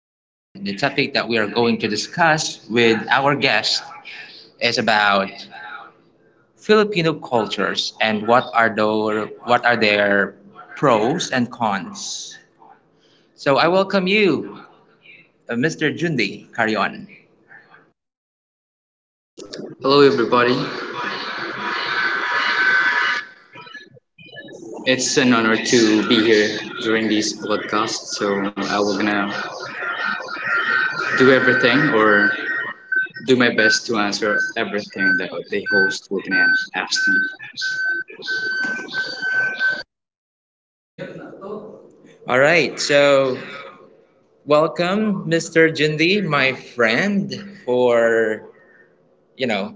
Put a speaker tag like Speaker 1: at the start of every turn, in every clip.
Speaker 1: And the topic that we are going to discuss with our guest is about Filipino cultures and what are their pros and cons. So I welcome you, Mr. Jundi Carion.
Speaker 2: Hello, everybody. It's an honor to be here during this podcast. So I will gonna do everything or do my best to answer everything that the host will gonna ask me.
Speaker 1: All right, so welcome, Mr. Jundi, my friend, for you know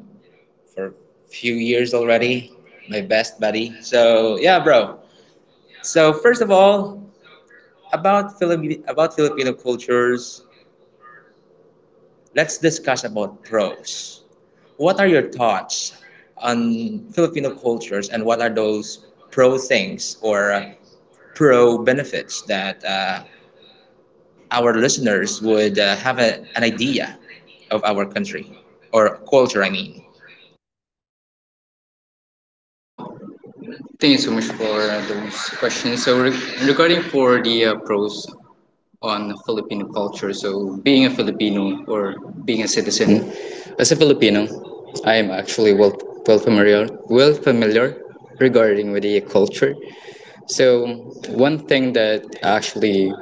Speaker 1: for a few years already, my best buddy. So yeah, bro. So first of all, about Filipino cultures, let's discuss about pros. What are your thoughts on Filipino cultures, and what are those pro things or pro benefits that our listeners would have a, an idea of our country or culture? I mean.
Speaker 2: Thank you so much for those questions. So regarding for the pros on Filipino culture, so being a Filipino or being a citizen, as a Filipino, I am actually well familiar regarding with the culture. So one thing that actually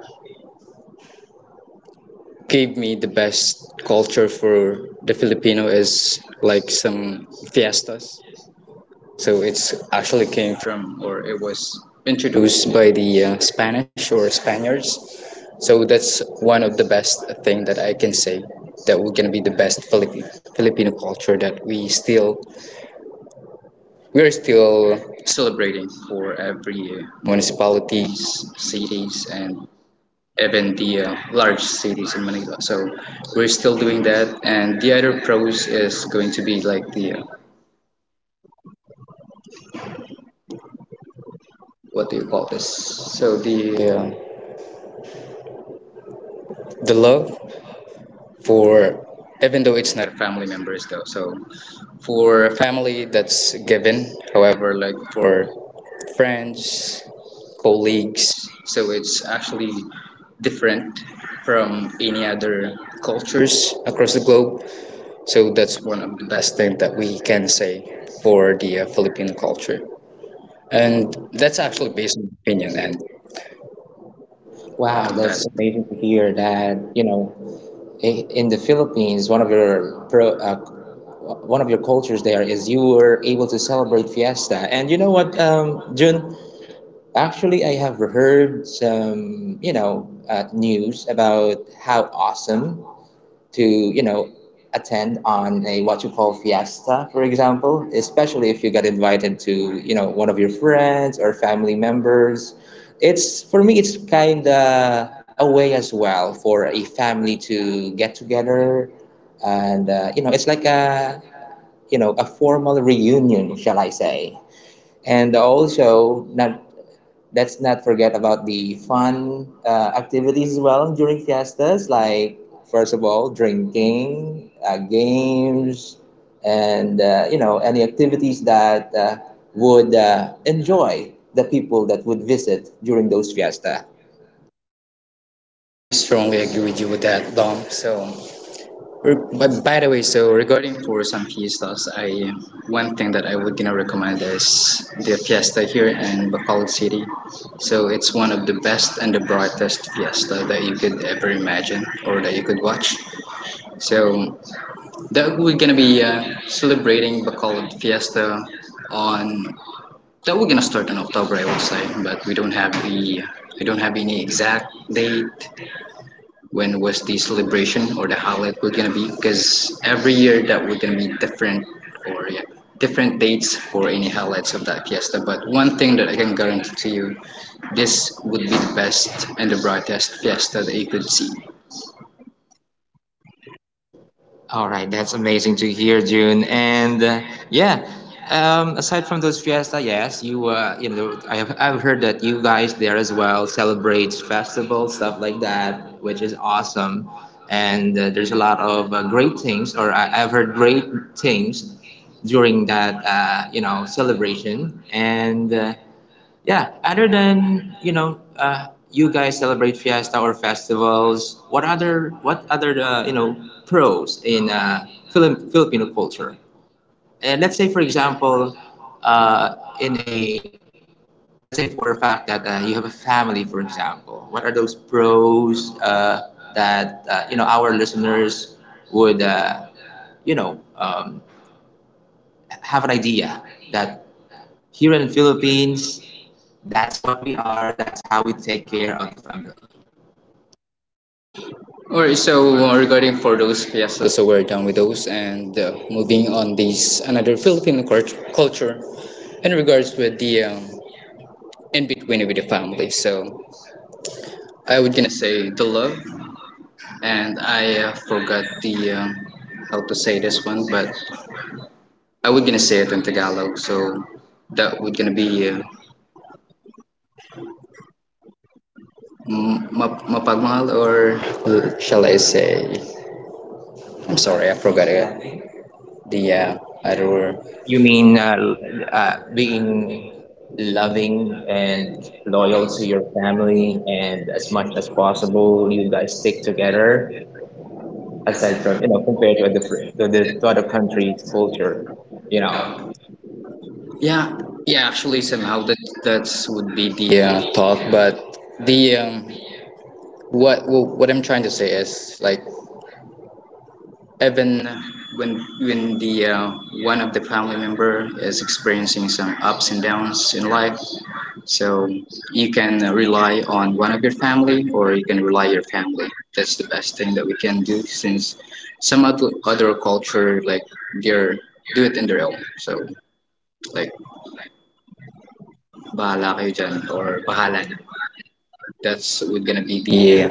Speaker 2: gave me the best culture for the Filipino is like some fiestas. So it's actually came from or it was introduced by the Spanish or Spaniards. So that's one of the best thing that I can say that we're gonna be the best Filipino culture that we still we are still celebrating for every year. Municipalities, cities, and even the large cities in Manila. So we're still doing that. And the other pros is going to be like the what do you call this? So the the love for, even though it's not family members though. So for family, that's given. However, like for friends, colleagues. So it's actually different from any other cultures across the globe. So that's one of the best things that we can say for the Filipino culture. And that's actually based on opinion, and
Speaker 1: Wow, that's
Speaker 2: that's.
Speaker 1: amazing to hear that, you know, in the Philippines, one of your one of your cultures there is you were able to celebrate fiesta. And you know what, Jun? Actually, I have heard some, you know, news about how awesome to you know attend on a what you call fiesta, for example, especially if you got invited to you know one of your friends or family members. It's for me, it's kind of a way as well for a family to get together, and you know, it's like a you know a formal reunion, shall I say. And also not, let's not forget about the fun activities as well during fiestas, like first of all drinking games, and you know, any activities that would enjoy the people that would visit during those fiesta.
Speaker 2: I strongly agree with you with that, Dom. So, but by the way, so regarding for some fiestas, I one thing that I would recommend is the fiesta here in Bacolod City. So it's one of the best and the brightest fiesta that you could ever imagine or that you could watch. So that we're gonna be celebrating Bacolod Fiesta on, that we're gonna start in October, I would say, but we don't have the we don't have any exact date when was the celebration or the holiday we're gonna be, because every year that we're gonna be different, or yeah, different dates for any highlights of that fiesta. But one thing that I can guarantee to you, this would be the best and the brightest fiesta that you could see.
Speaker 1: All right, that's amazing to hear, June. And yeah, aside from those fiesta, yes, you you know, I have I've heard that you guys there as well celebrate festivals, stuff like that, which is awesome. And there's a lot of great things, or I've heard great things during that you know celebration. And yeah, other than, you know, you guys celebrate fiesta or festivals, what other you know pros in Philip Filipino culture? And let's say, for example, uh, in a let's say for a fact that you have a family, for example, what are those pros that you know our listeners would you know have an idea that here in the Philippines. That's what we are. That's how we take care of the family.
Speaker 2: All right. So regarding for those fiestas, so we're done with those, and moving on this another Filipino culture, in regards with the in between with the family. So I would gonna say the love, and I forgot the how to say this one, but I would gonna say it in Tagalog. So that would gonna be mapagmahal, or shall I say? I'm sorry, I forgot it, the other word.
Speaker 1: You mean being loving and loyal to your family, and as much as possible, you guys stick together. Aside from you know, compared to other to the to other countries' culture, you know.
Speaker 2: Yeah, yeah. Actually, somehow that that's would be the thought, but the what I'm trying to say is like even when the one of the family member is experiencing some ups and downs in life, so you can rely on one of your family or you can rely your family. That's the best thing that we can do since some other other culture like they're do it in their own. So like bahala kayo dyan or bahala na. That's would gonna be the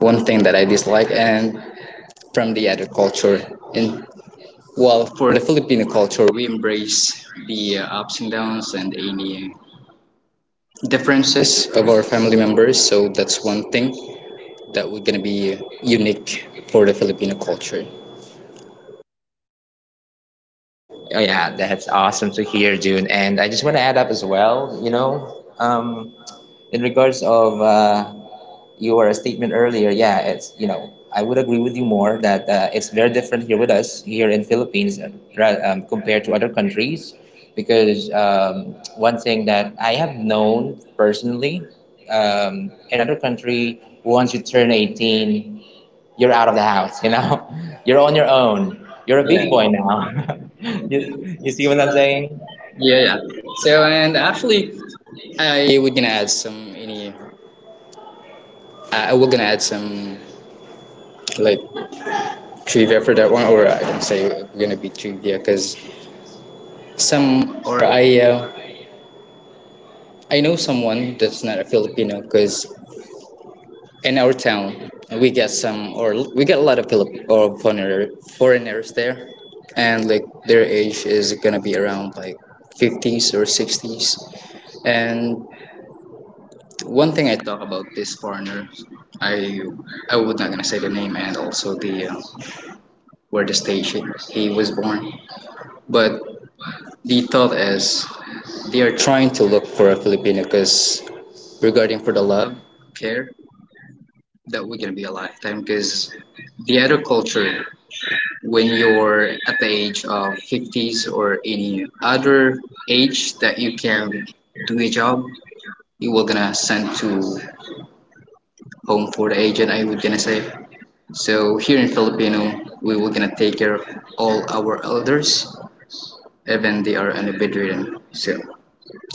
Speaker 2: one thing that I dislike, and from the other culture. And well, for the Filipino culture, we embrace the ups and downs and any differences of our family members. So that's one thing that we're gonna be unique for the Filipino culture.
Speaker 1: Oh, yeah, that's awesome to hear, June. And I just want to add up as well, you know, in regards of your statement earlier, yeah, it's, you know, I would agree with you more that it's very different here with us, here in Philippines, compared to other countries. Because one thing that I have known personally, in other country, once you turn 18, you're out of the house, you know? You're on your own. You're a big boy
Speaker 2: Yeah,
Speaker 1: now. you, you see what I'm saying?
Speaker 2: yeah. So and actually, I are gonna add some any. I will gonna add some like trivia for that one, or I don't say we're gonna be trivia because some, or I know someone that's not a Filipino because in our town we got some, or we got a lot of Filip or foreigner, foreigners there, and like their age is gonna be around like fifties or sixties. And one thing I talk about this foreigner, I I would not gonna say the name and also the where the stage he was born, but the thought is they are trying to look for a Filipino because regarding for the love, care, that we're gonna be a time because the other culture, when you're at the age of 50s or any other age that you can do a job, you were gonna send to home for the agent, I would gonna say. So here in Filipino, we were gonna take care of all our elders, even they are on a bedridden. So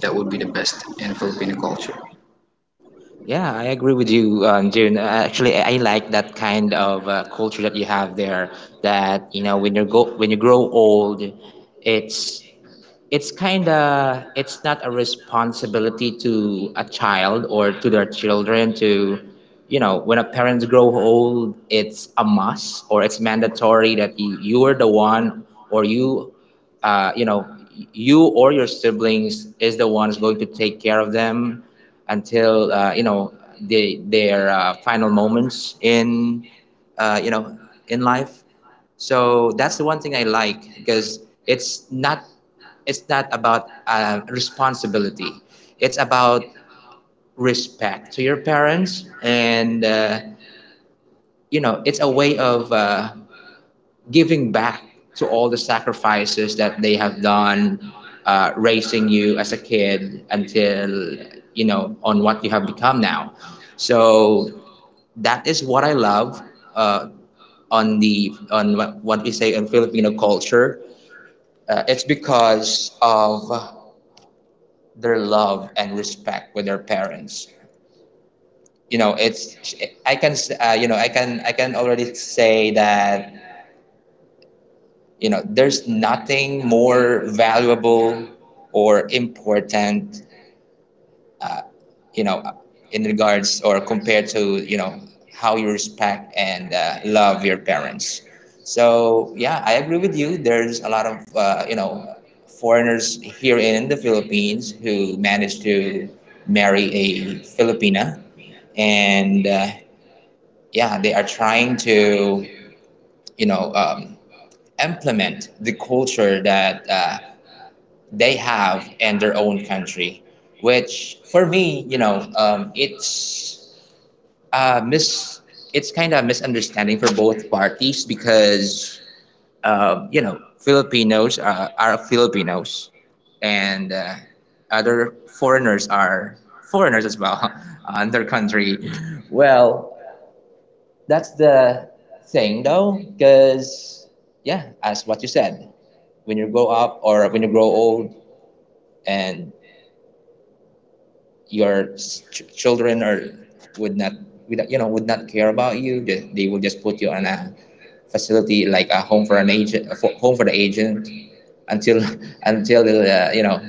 Speaker 2: that would be the best in Filipino culture.
Speaker 1: Yeah, I agree with you, June. Actually, I like that kind of culture that you have there. That you know, when you grow old, it's it's kind of it's not a responsibility to a child or to their children to you know when a parents grow old it's a must or it's mandatory that you are the one or you you know you or your siblings is the ones going to take care of them until you know their final moments in you know in life. So that's the one thing I like, because it's not, it's not about responsibility, it's about respect to your parents, and you know it's a way of giving back to all the sacrifices that they have done raising you as a kid until you know on what you have become now. So that is what I love uh, on the on what we say in Filipino culture, it's because of their love and respect with their parents. You know it's I can you know I can already say that you know there's nothing more valuable or important you know in regards or compared to you know how you respect and love your parents. So yeah, I agree with you, there's a lot of you know foreigners here in the Philippines who manage to marry a Filipina, and yeah they are trying to you know implement the culture that they have in their own country, which for me you know it's mis it's kind of misunderstanding for both parties, because you know are Filipinos, and other foreigners are foreigners as well on their country. Well, that's the thing though, because yeah, as what you said, when you grow up or when you grow old, and your children are would not you know would not care about you, will just put you on a facility like a home for the agent until until you know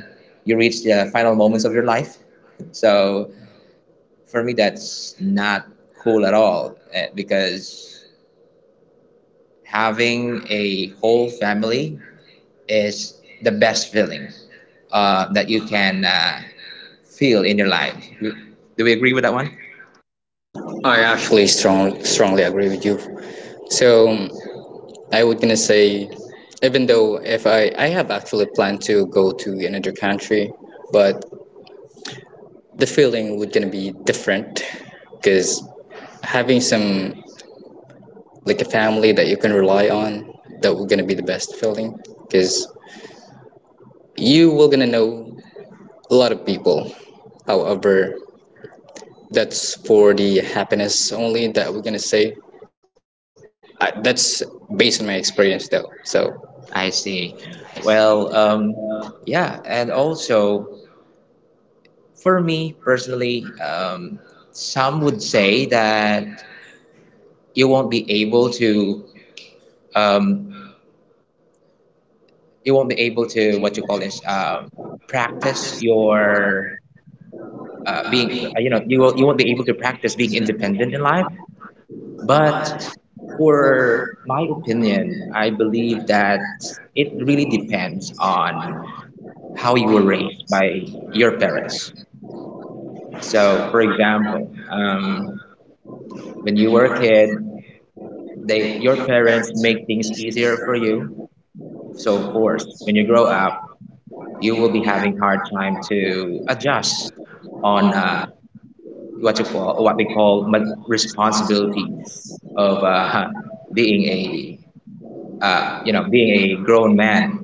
Speaker 1: you reach the final moments of your life. So for me that's not cool at all, eh, because having a whole family is the best feeling that you can feel in your life. Do we agree with that one?
Speaker 2: I actually strongly agree with you. So I would gonna say, even though if I have actually planned to go to another country, but the feeling would gonna be different, because having some like a family that you can rely on, that would gonna be the best feeling, because you will gonna know a lot of people. However, that's for the happiness only that we're gonna say. I, that's based on my experience though. So
Speaker 1: I see. Well, yeah, and also for me personally, some would say that you won't be able to, um, you won't be able to what you call this, practice your being, you know, you won't be able to practice being independent in life. But
Speaker 2: but for
Speaker 1: for my opinion, I believe that it really depends on how you
Speaker 2: all
Speaker 1: were
Speaker 2: your
Speaker 1: raised by your
Speaker 2: work.
Speaker 1: parents. So,
Speaker 2: So,
Speaker 1: for
Speaker 2: for
Speaker 1: example,
Speaker 2: example,
Speaker 1: when
Speaker 2: when
Speaker 1: you
Speaker 2: you
Speaker 1: were a
Speaker 2: work,
Speaker 1: kid, they
Speaker 2: they,
Speaker 1: your
Speaker 2: your
Speaker 1: parents
Speaker 2: parents
Speaker 1: make things
Speaker 2: is
Speaker 1: easier for
Speaker 2: deserve.
Speaker 1: you. So, of
Speaker 2: So, for
Speaker 1: course,
Speaker 2: so
Speaker 1: when
Speaker 2: when
Speaker 1: you
Speaker 2: you
Speaker 1: grow
Speaker 2: grow up,
Speaker 1: up, you
Speaker 2: you
Speaker 1: will
Speaker 2: will
Speaker 1: be
Speaker 2: be happy
Speaker 1: having hard time to adjust on
Speaker 2: on
Speaker 1: what you
Speaker 2: what you
Speaker 1: call
Speaker 2: call
Speaker 1: what we call responsibilities
Speaker 2: responsibilities
Speaker 1: of
Speaker 2: of
Speaker 1: being a
Speaker 2: being, uh,
Speaker 1: you know being
Speaker 2: being.
Speaker 1: a grown man.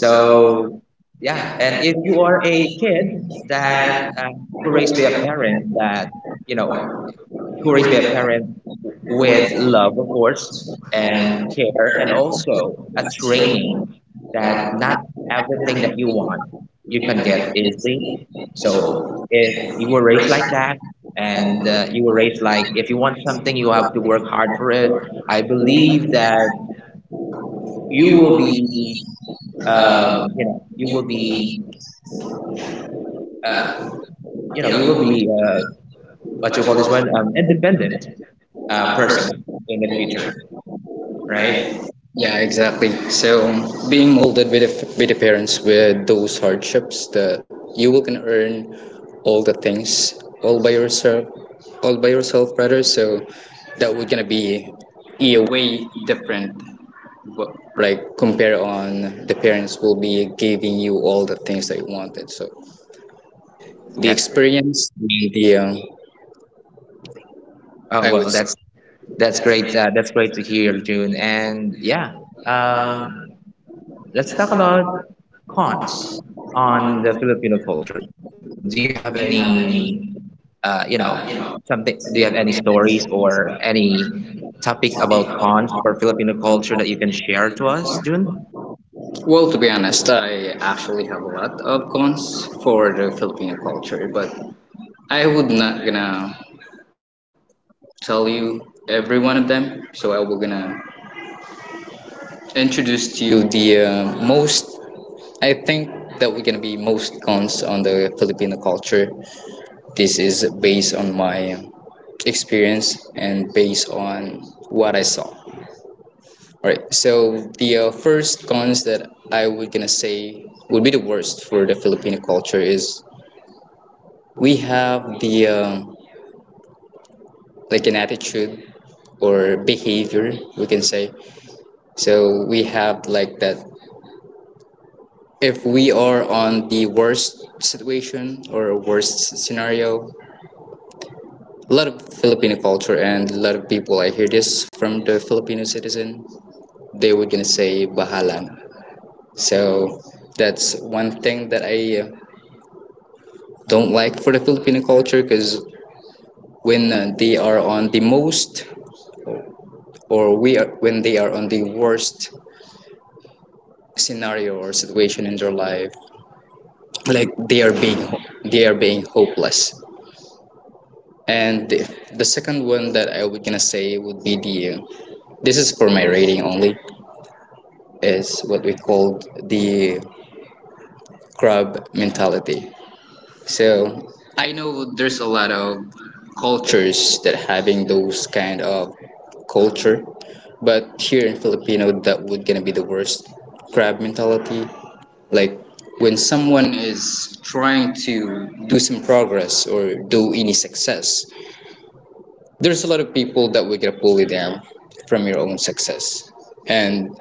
Speaker 2: So,
Speaker 1: yeah,
Speaker 2: yeah,
Speaker 1: and
Speaker 2: and
Speaker 1: if
Speaker 2: if
Speaker 1: you
Speaker 2: you
Speaker 1: are
Speaker 2: want a
Speaker 1: a kid that
Speaker 2: that
Speaker 1: who
Speaker 2: who
Speaker 1: raised by
Speaker 2: will
Speaker 1: a
Speaker 2: be a
Speaker 1: parent that you know
Speaker 2: what
Speaker 1: who
Speaker 2: who
Speaker 1: raised
Speaker 2: will
Speaker 1: by a
Speaker 2: be a
Speaker 1: parent
Speaker 2: with
Speaker 1: with love, of course, and
Speaker 2: and
Speaker 1: care, and also a training
Speaker 2: training,
Speaker 1: that
Speaker 2: that
Speaker 1: not
Speaker 2: not
Speaker 1: everything that
Speaker 2: everything
Speaker 1: you want you
Speaker 2: you
Speaker 1: can
Speaker 2: can
Speaker 1: get
Speaker 2: get is free.
Speaker 1: easily. So
Speaker 2: So
Speaker 1: if
Speaker 2: if you
Speaker 1: you were raised
Speaker 2: embrace
Speaker 1: like
Speaker 2: that
Speaker 1: that, and
Speaker 2: and
Speaker 1: you were raised like if you want something, you have to work hard for it. I
Speaker 2: believe
Speaker 1: believe
Speaker 2: that
Speaker 1: that you
Speaker 2: you
Speaker 1: will
Speaker 2: will be,
Speaker 1: be,
Speaker 2: um,
Speaker 1: you know, you
Speaker 2: you
Speaker 1: will
Speaker 2: will
Speaker 1: be,
Speaker 2: be,
Speaker 1: uh,
Speaker 2: uh,
Speaker 1: you know,
Speaker 2: you know,
Speaker 1: you
Speaker 2: you
Speaker 1: will
Speaker 2: will be
Speaker 1: be what you
Speaker 2: what you
Speaker 1: call
Speaker 2: call
Speaker 1: this
Speaker 2: this
Speaker 1: one,
Speaker 2: one,
Speaker 1: independent person
Speaker 2: person
Speaker 1: in the
Speaker 2: in the future,
Speaker 1: future, right?
Speaker 2: right? Yeah, exactly. So being molded with with the parents with those hardships that you will can earn all the things all by yourself, all by yourself, brother. So that would gonna be a way different. But like compare on the parents will be giving you all the things that you wanted. So the
Speaker 1: That,
Speaker 2: experience, and the I would say.
Speaker 1: that's
Speaker 2: That's
Speaker 1: great.
Speaker 2: great.
Speaker 1: That's great to hear, June. And yeah, um,
Speaker 2: Um,
Speaker 1: let's
Speaker 2: let's
Speaker 1: talk
Speaker 2: talk
Speaker 1: about
Speaker 2: about
Speaker 1: cons on the
Speaker 2: on.
Speaker 1: Filipino culture. Do you
Speaker 2: Do you
Speaker 1: have
Speaker 2: have any?
Speaker 1: any, you
Speaker 2: uh, you
Speaker 1: know,
Speaker 2: know,
Speaker 1: something? Do you have any stories or any topic
Speaker 2: Topic
Speaker 1: about
Speaker 2: about.
Speaker 1: cons for Filipino culture that you can share to us, June?
Speaker 2: Well, to be honest, I actually have a lot of cons for the Filipino culture, but I would not gonna tell you every one of them. So I will gonna introduce to you the most. I think that we're gonna be most cons on the Filipino culture. This is based on my experience and based on what I saw. All right. So the first cons that I would gonna say would be the worst for the Filipino culture is we have the like an attitude or behavior, we can say. So we have like that if we are on the worst situation or worst scenario. A lot of Filipino culture and a lot of people, I hear this from the Filipino citizen. They would gonna say "bahala na." So that's one thing that I don't like for the Filipino culture because when they are on the most, or we are, when they are on the worst scenario or situation in their life, like they are being, they are being hopeless. And the second one that I was gonna say would be the this is for my rating only, is what we call the crab mentality. So I know there's a lot of cultures that having those kind of culture, but here in Filipino, that would gonna be the worst crab mentality. Like when someone is trying to do some progress or do any success, there's a lot of people that would gonna bully them from your own success. And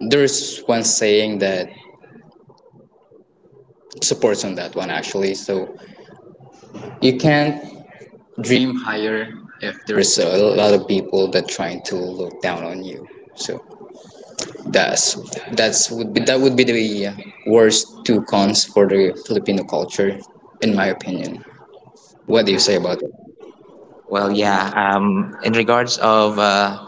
Speaker 2: there's one saying that supports on that one actually. So you can't dream higher if there's a lot of people that trying to look down on you. So that's that's would be, that would be the worst two cons for the Filipino culture in my opinion. What
Speaker 1: Uh,
Speaker 2: do you say about it?
Speaker 1: Well, yeah. In regards of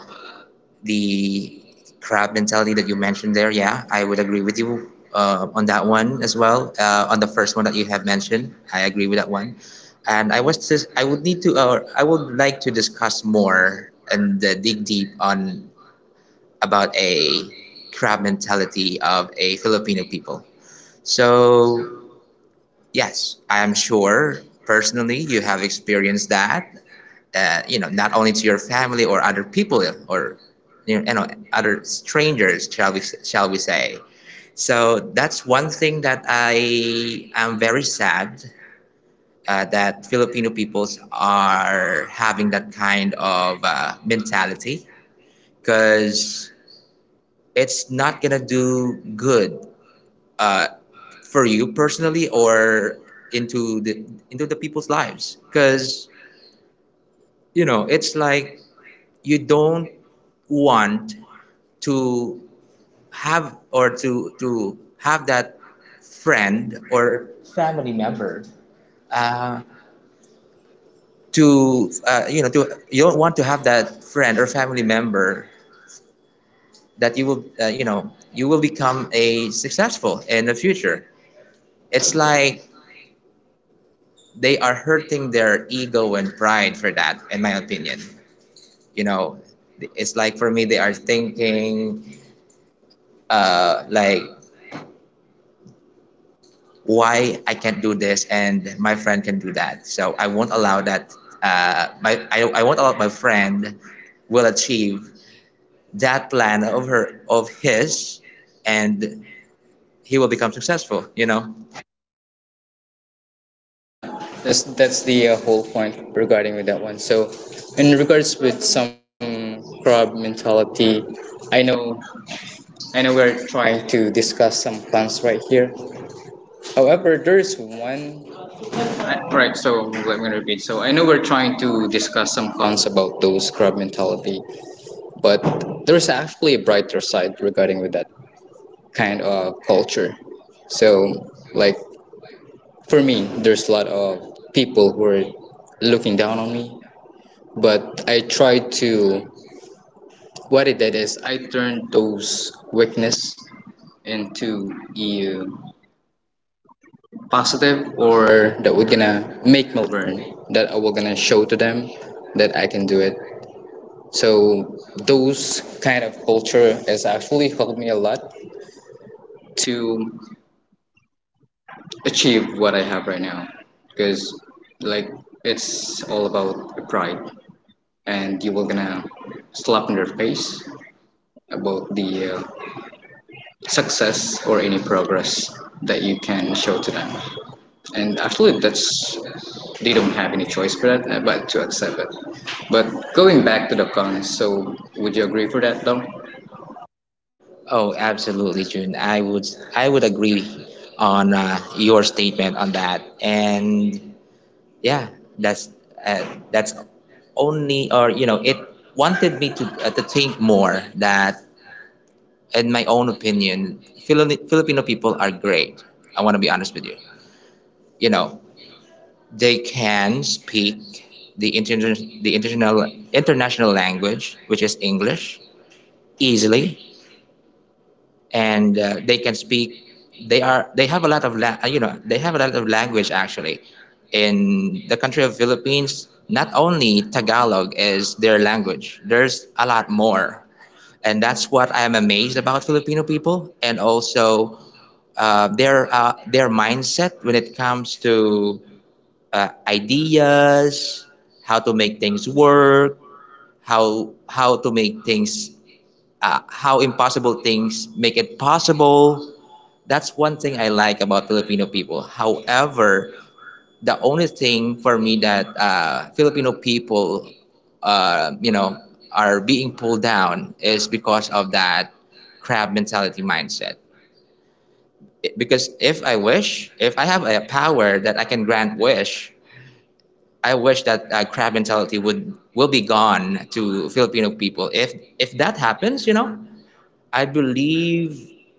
Speaker 1: the crab mentality that you mentioned there, yeah, I would agree with you on that one as well. On the first one that you have mentioned, I agree with that one. And I would need to, or I would like to discuss more and dig deep on about a crab mentality of a Filipino people. So yes, I'm sure personally you have experienced that, you know, not only to your family or other people or you know other strangers, shall we say? So that's one thing that I am very sad that Filipino peoples are having that kind of mentality, because it's not gonna do good uh, for you personally or into the into the people's lives, because you know it's like you don't want to have or to have that friend or family member uh, to you know to you don't want to have that friend or family member that you will you know you will become a successful in the future. It's like they are hurting their ego and pride for that in my opinion. You know it's like for me they are thinking like why I can't do this and my friend can do that. So I won't allow that. My I won't allow my friend will achieve that plan of her of his, and he will become successful. You know.
Speaker 2: Yeah, that's the whole point regarding with that one. So in regards with some crab mentality, i know I know we're trying to discuss some plans right here, however there's one. Right, so let me repeat. So I know we're trying to discuss some cons about those crab mentality, but there's actually a brighter side regarding with that kind of culture. So, like for me, there's a lot of people who are looking down on me, but I tried to. What I did is I turned those weakness into a positive, or that we're gonna make me learn. That I will gonna show to them that I can do it. So those kind of culture has actually helped me a lot to achieve what I have right now because like it's all about the pride and you will gonna slap in their face about the uh, success or any progress that you can show to them, and actually that's they don't have any choice for that but to accept it. But going back to the cons, so would you agree for that though?
Speaker 1: Oh, absolutely, June. I would agree on your statement on that, and yeah, that's uh, that's only or you know it wanted me to think more that in my own opinion, Filipino people are great. I want to be honest with you. You know, they can speak the international language, which is English, easily. And they can speak they have a lot of la- you know they have a lot of language actually in the country of Philippines. Not only Tagalog is their language, there's a lot more, and that's what I am amazed about Filipino people. And also their mindset when it comes to ideas, how to make things work, how to make things, how impossible things make it possible. That's one thing I like about Filipino people. However, the only thing for me that Filipino people, uh, you know, are being pulled down is because of that crab mentality mindset. Because if I wish, if I have a power that I can grant wish, I wish that crab mentality would will be gone to Filipino people. If that happens, you know, I believe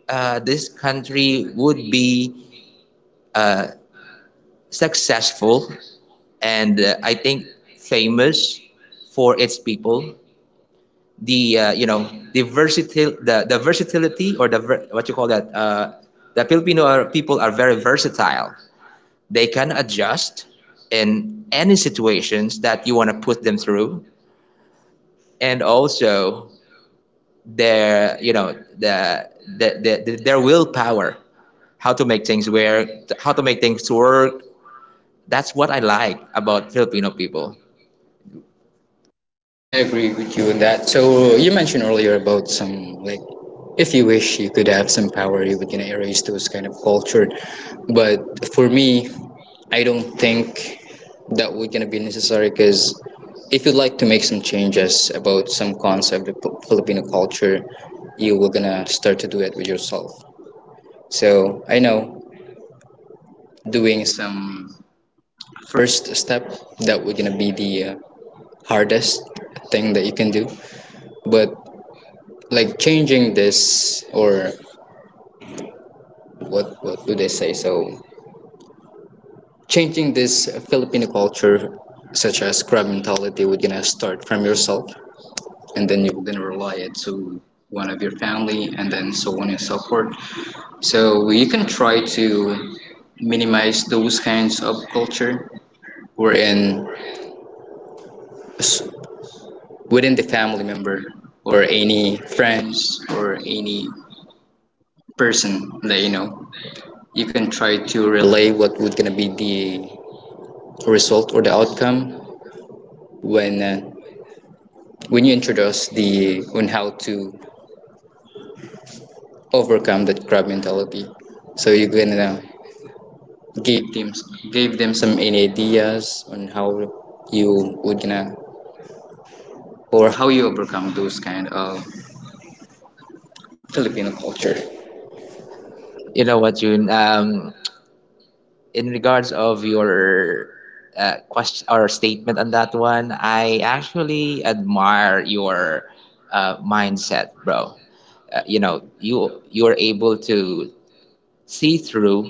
Speaker 1: this country would be successful, and I think famous for its people. The versatility or the ver- what you call that the people are very versatile. They can adjust in any situations that you want to put them through, and also their, you know, the the, the their willpower, how to make things work, how to make things work that's what I like about Filipino people.
Speaker 2: I agree with you on that. So you mentioned earlier about some like, if you wish you could have some power, you would gonna erase those kind of culture. But for me, I don't think that would gonna be necessary because if you'd like to make some changes about some concept of Filipino culture, you were gonna start to do it with yourself. So I know doing some first step that would gonna be the hardest thing that you can do, but like changing this or what do they say, so changing this Filipino culture such as crab mentality would gonna start from yourself, and then you're gonna rely it to one of your family and then so on and so forth, so you can try to minimize those kinds of culture wherein s- within the family member or any friends or any person that you know, you can try to relay what would gonna be the result or the outcome when uh, when you introduce the on how to overcome that crab mentality. So you can give them give them some any ideas on how you would gonna or how you overcome those kind of Filipino culture.
Speaker 1: You know what, June? In regards of your question or statement on that one, I actually admire your mindset, bro. You know, you're able to see through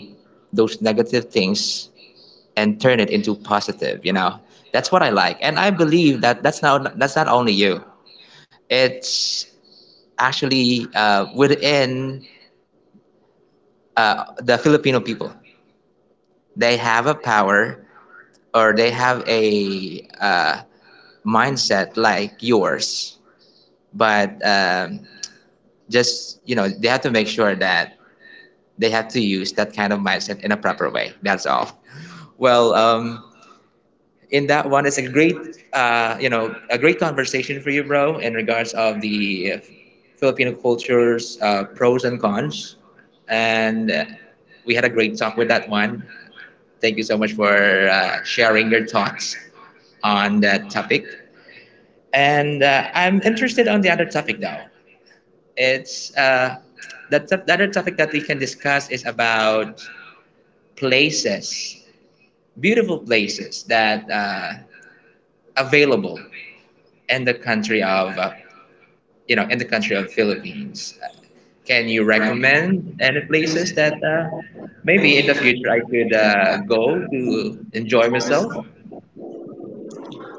Speaker 1: those negative things and turn it into positive, you know. That's what I like, and I believe that that's not only you, it's actually within the Filipino people. They have a power, or they have a mindset like yours. But just, you know, they have to make sure that they have to use that kind of mindset in a proper way. That's all. Well, in that one, it's a great, a great conversation for you, bro, in regards of the Filipino culture's pros and cons. And we had a great talk with that one. Thank you so much for sharing your thoughts on that topic. And I'm interested on the other topic though. It's the, the other topic that we can discuss is about places, beautiful places that are available in the country of in the country of Philippines. Can you
Speaker 2: Then you recognize
Speaker 1: recommend any
Speaker 2: things
Speaker 1: places that maybe in the
Speaker 2: maybe the
Speaker 1: future I could go to enjoy myself?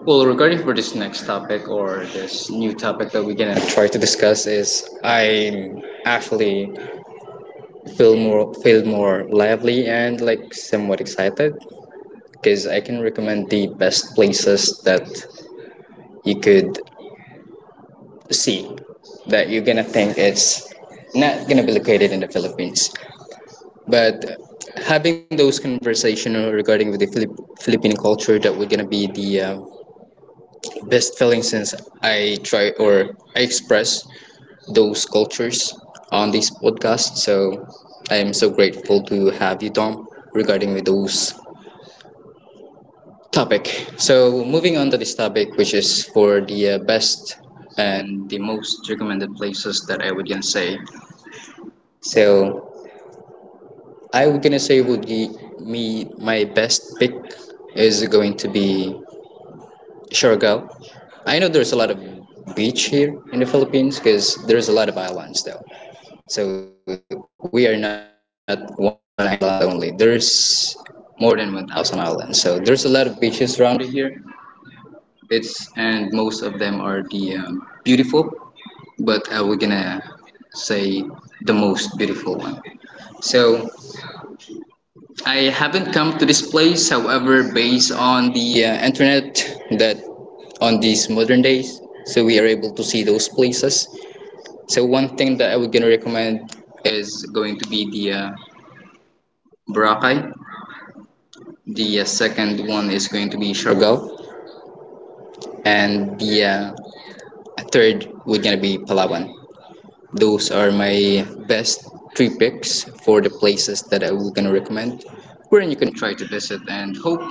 Speaker 2: well, regarding for this next topic or this new topic that we're gonna try to discuss is I'm actually feel more lively and like somewhat excited because I can recommend the best places that you could see that you're gonna think it's not gonna be located in the Philippines. But having those conversation regarding with the Philippine culture that we're gonna be the best feeling since I try or I express those cultures on this podcast. So I am so grateful to have you, Tom, regarding with those topic. So moving on to this topic, which is for the best and the most recommended places that I would gonna say. So I would gonna say would be me my best pick is going to be Siargao. I know there's a lot of beach here in the Philippines because there's a lot of islands though. So we are not one island only. There's more than 1,000 islands. So there's a lot of beaches around here. It's and most of them are the beautiful, but we're gonna say the most beautiful one. So I haven't come to this place, however, based on the internet that on these modern days, so we are able to see those places. So one thing that I would gonna recommend is going to be the Boracay. The second one is going to be Siargao, and the third would gonna be Palawan. Those are my best three picks for the places that I will gonna recommend, wherein you can try to visit and hope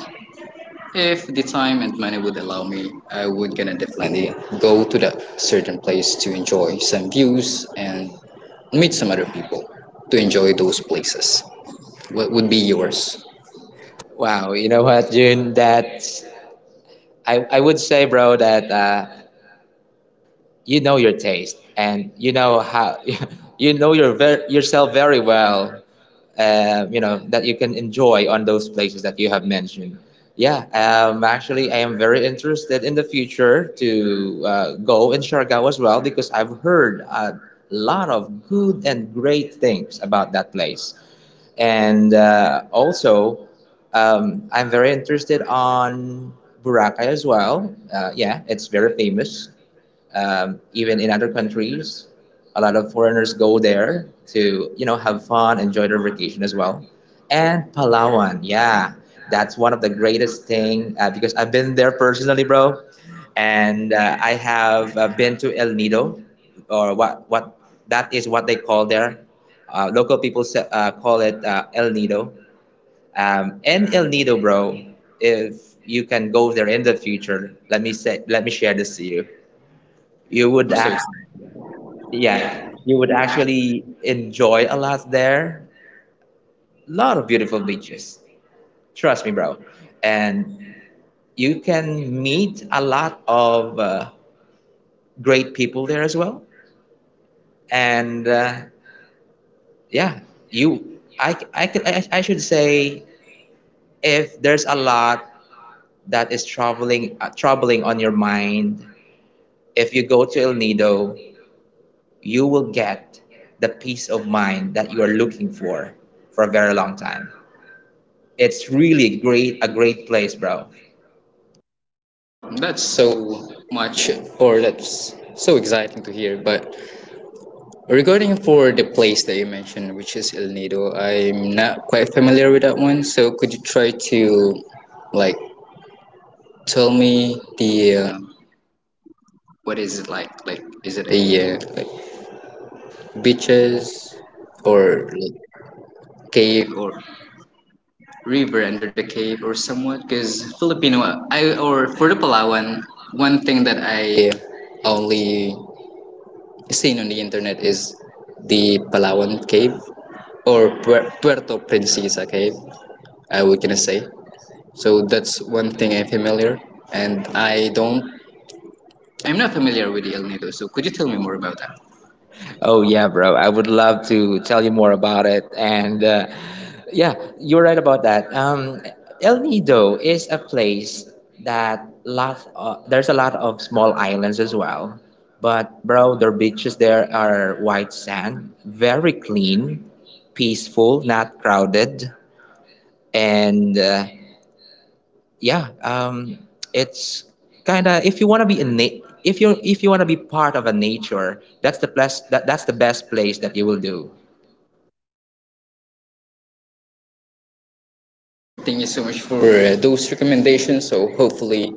Speaker 2: if the time and money would allow me, I would gonna definitely go to the certain place to enjoy some views and meet some other people to enjoy those places. What would be yours?
Speaker 1: Wow, you know what, June? I would say, bro, that you know your taste, and you know how you know your yourself very well. You know that you can enjoy on those places that you have mentioned. Yeah, actually, I am very interested in the future to go in Siargao as well, because I've heard a lot of good and great things about that place, and also, I'm very interested on Boracay as well. Yeah, it's very famous. Even in other countries, a lot of foreigners go there to, you know, have fun, enjoy their vacation as well. And Palawan, yeah, that's one of the greatest thing, because I've been there personally, bro, and I have been to El Nido, or what that is what they call there. Local people call it El Nido. And El Nido, bro, if you can go there in the future, let me say, let me share this to you.
Speaker 2: Oh, yeah,
Speaker 1: You would
Speaker 2: I'm serious.
Speaker 1: act Yeah,
Speaker 2: Yeah.
Speaker 1: you would actually enjoy a lot there. A lot of beautiful beaches. Trust me, bro. And you can meet a lot of great people there as well. And yeah, you, I, could- I should say, if there's a lot that is troubling, troubling on your mind, if you go to El Nido, you will get the peace of mind that you are looking for a very long time. It's really great, a great place, bro.
Speaker 2: Oh, that's so much, or that's so exciting to hear. But regarding for the place that you mentioned, which is El Nido, I'm not quite familiar with that one. So could you try to like tell me the what is it like? Like is it a like beaches or like cave or river under the cave or somewhat? Because Filipino, I or for the Palawan, one thing that I only seen on the internet is the Palawan cave or Puerto Princesa cave. Uh, we to say so that's one thing I'm familiar, and I don't, I'm not familiar with the El Nido, so could you tell me more about that?
Speaker 1: Oh yeah, bro. I would love to tell you more about it. And yeah, you're right about that. El Nido is a place that lot there's a lot of small islands as well. But bro, their beaches there are white sand, very clean, peaceful, not crowded, and yeah, it's kind of, if you want to be if you want to be part of a nature, that's the best, that's the best place that you will do.
Speaker 2: All right, thank you so much for those recommendations, so hopefully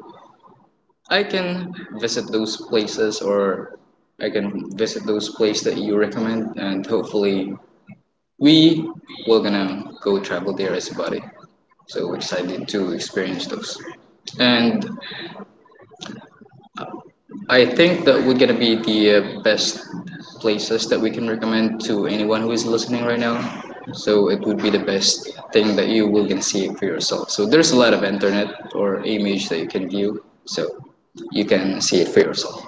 Speaker 2: I can visit those places or I can visit those places that you recommend, and hopefully we were gonna go travel there as a body. So excited to experience those, and I think that we're gonna be the best places that we can recommend to anyone who is listening right now. So it would be the best thing that you will can see for yourself. So there's a lot of internet or image that you can view, so you can see it for yourself.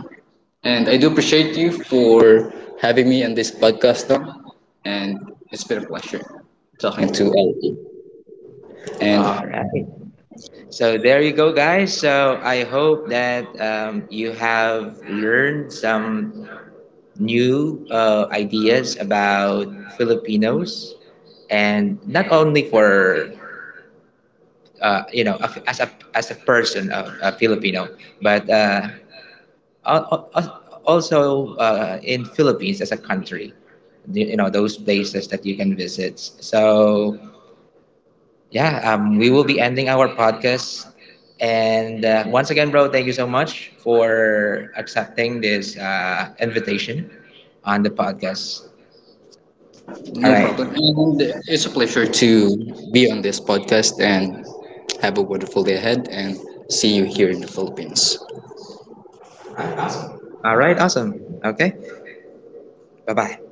Speaker 2: And I do appreciate you for having me on this podcast, Tom. And it's been a pleasure talking to all of you. And
Speaker 1: All right, so there you go, guys. So I hope that you have learned some new ideas about Filipinos, and not only for, uh, you know as a, as a person of a Filipino, but also, in Philippines as a country, you know, those places that you can visit. So, yeah, we will be ending our podcast. And once again, bro, thank you so much for accepting this invitation on the podcast. All
Speaker 2: no
Speaker 1: right.
Speaker 2: problem. And it's a pleasure to be on this podcast and have a wonderful day ahead and see you here in the Philippines.
Speaker 1: All right. Awesome. Okay. Bye bye.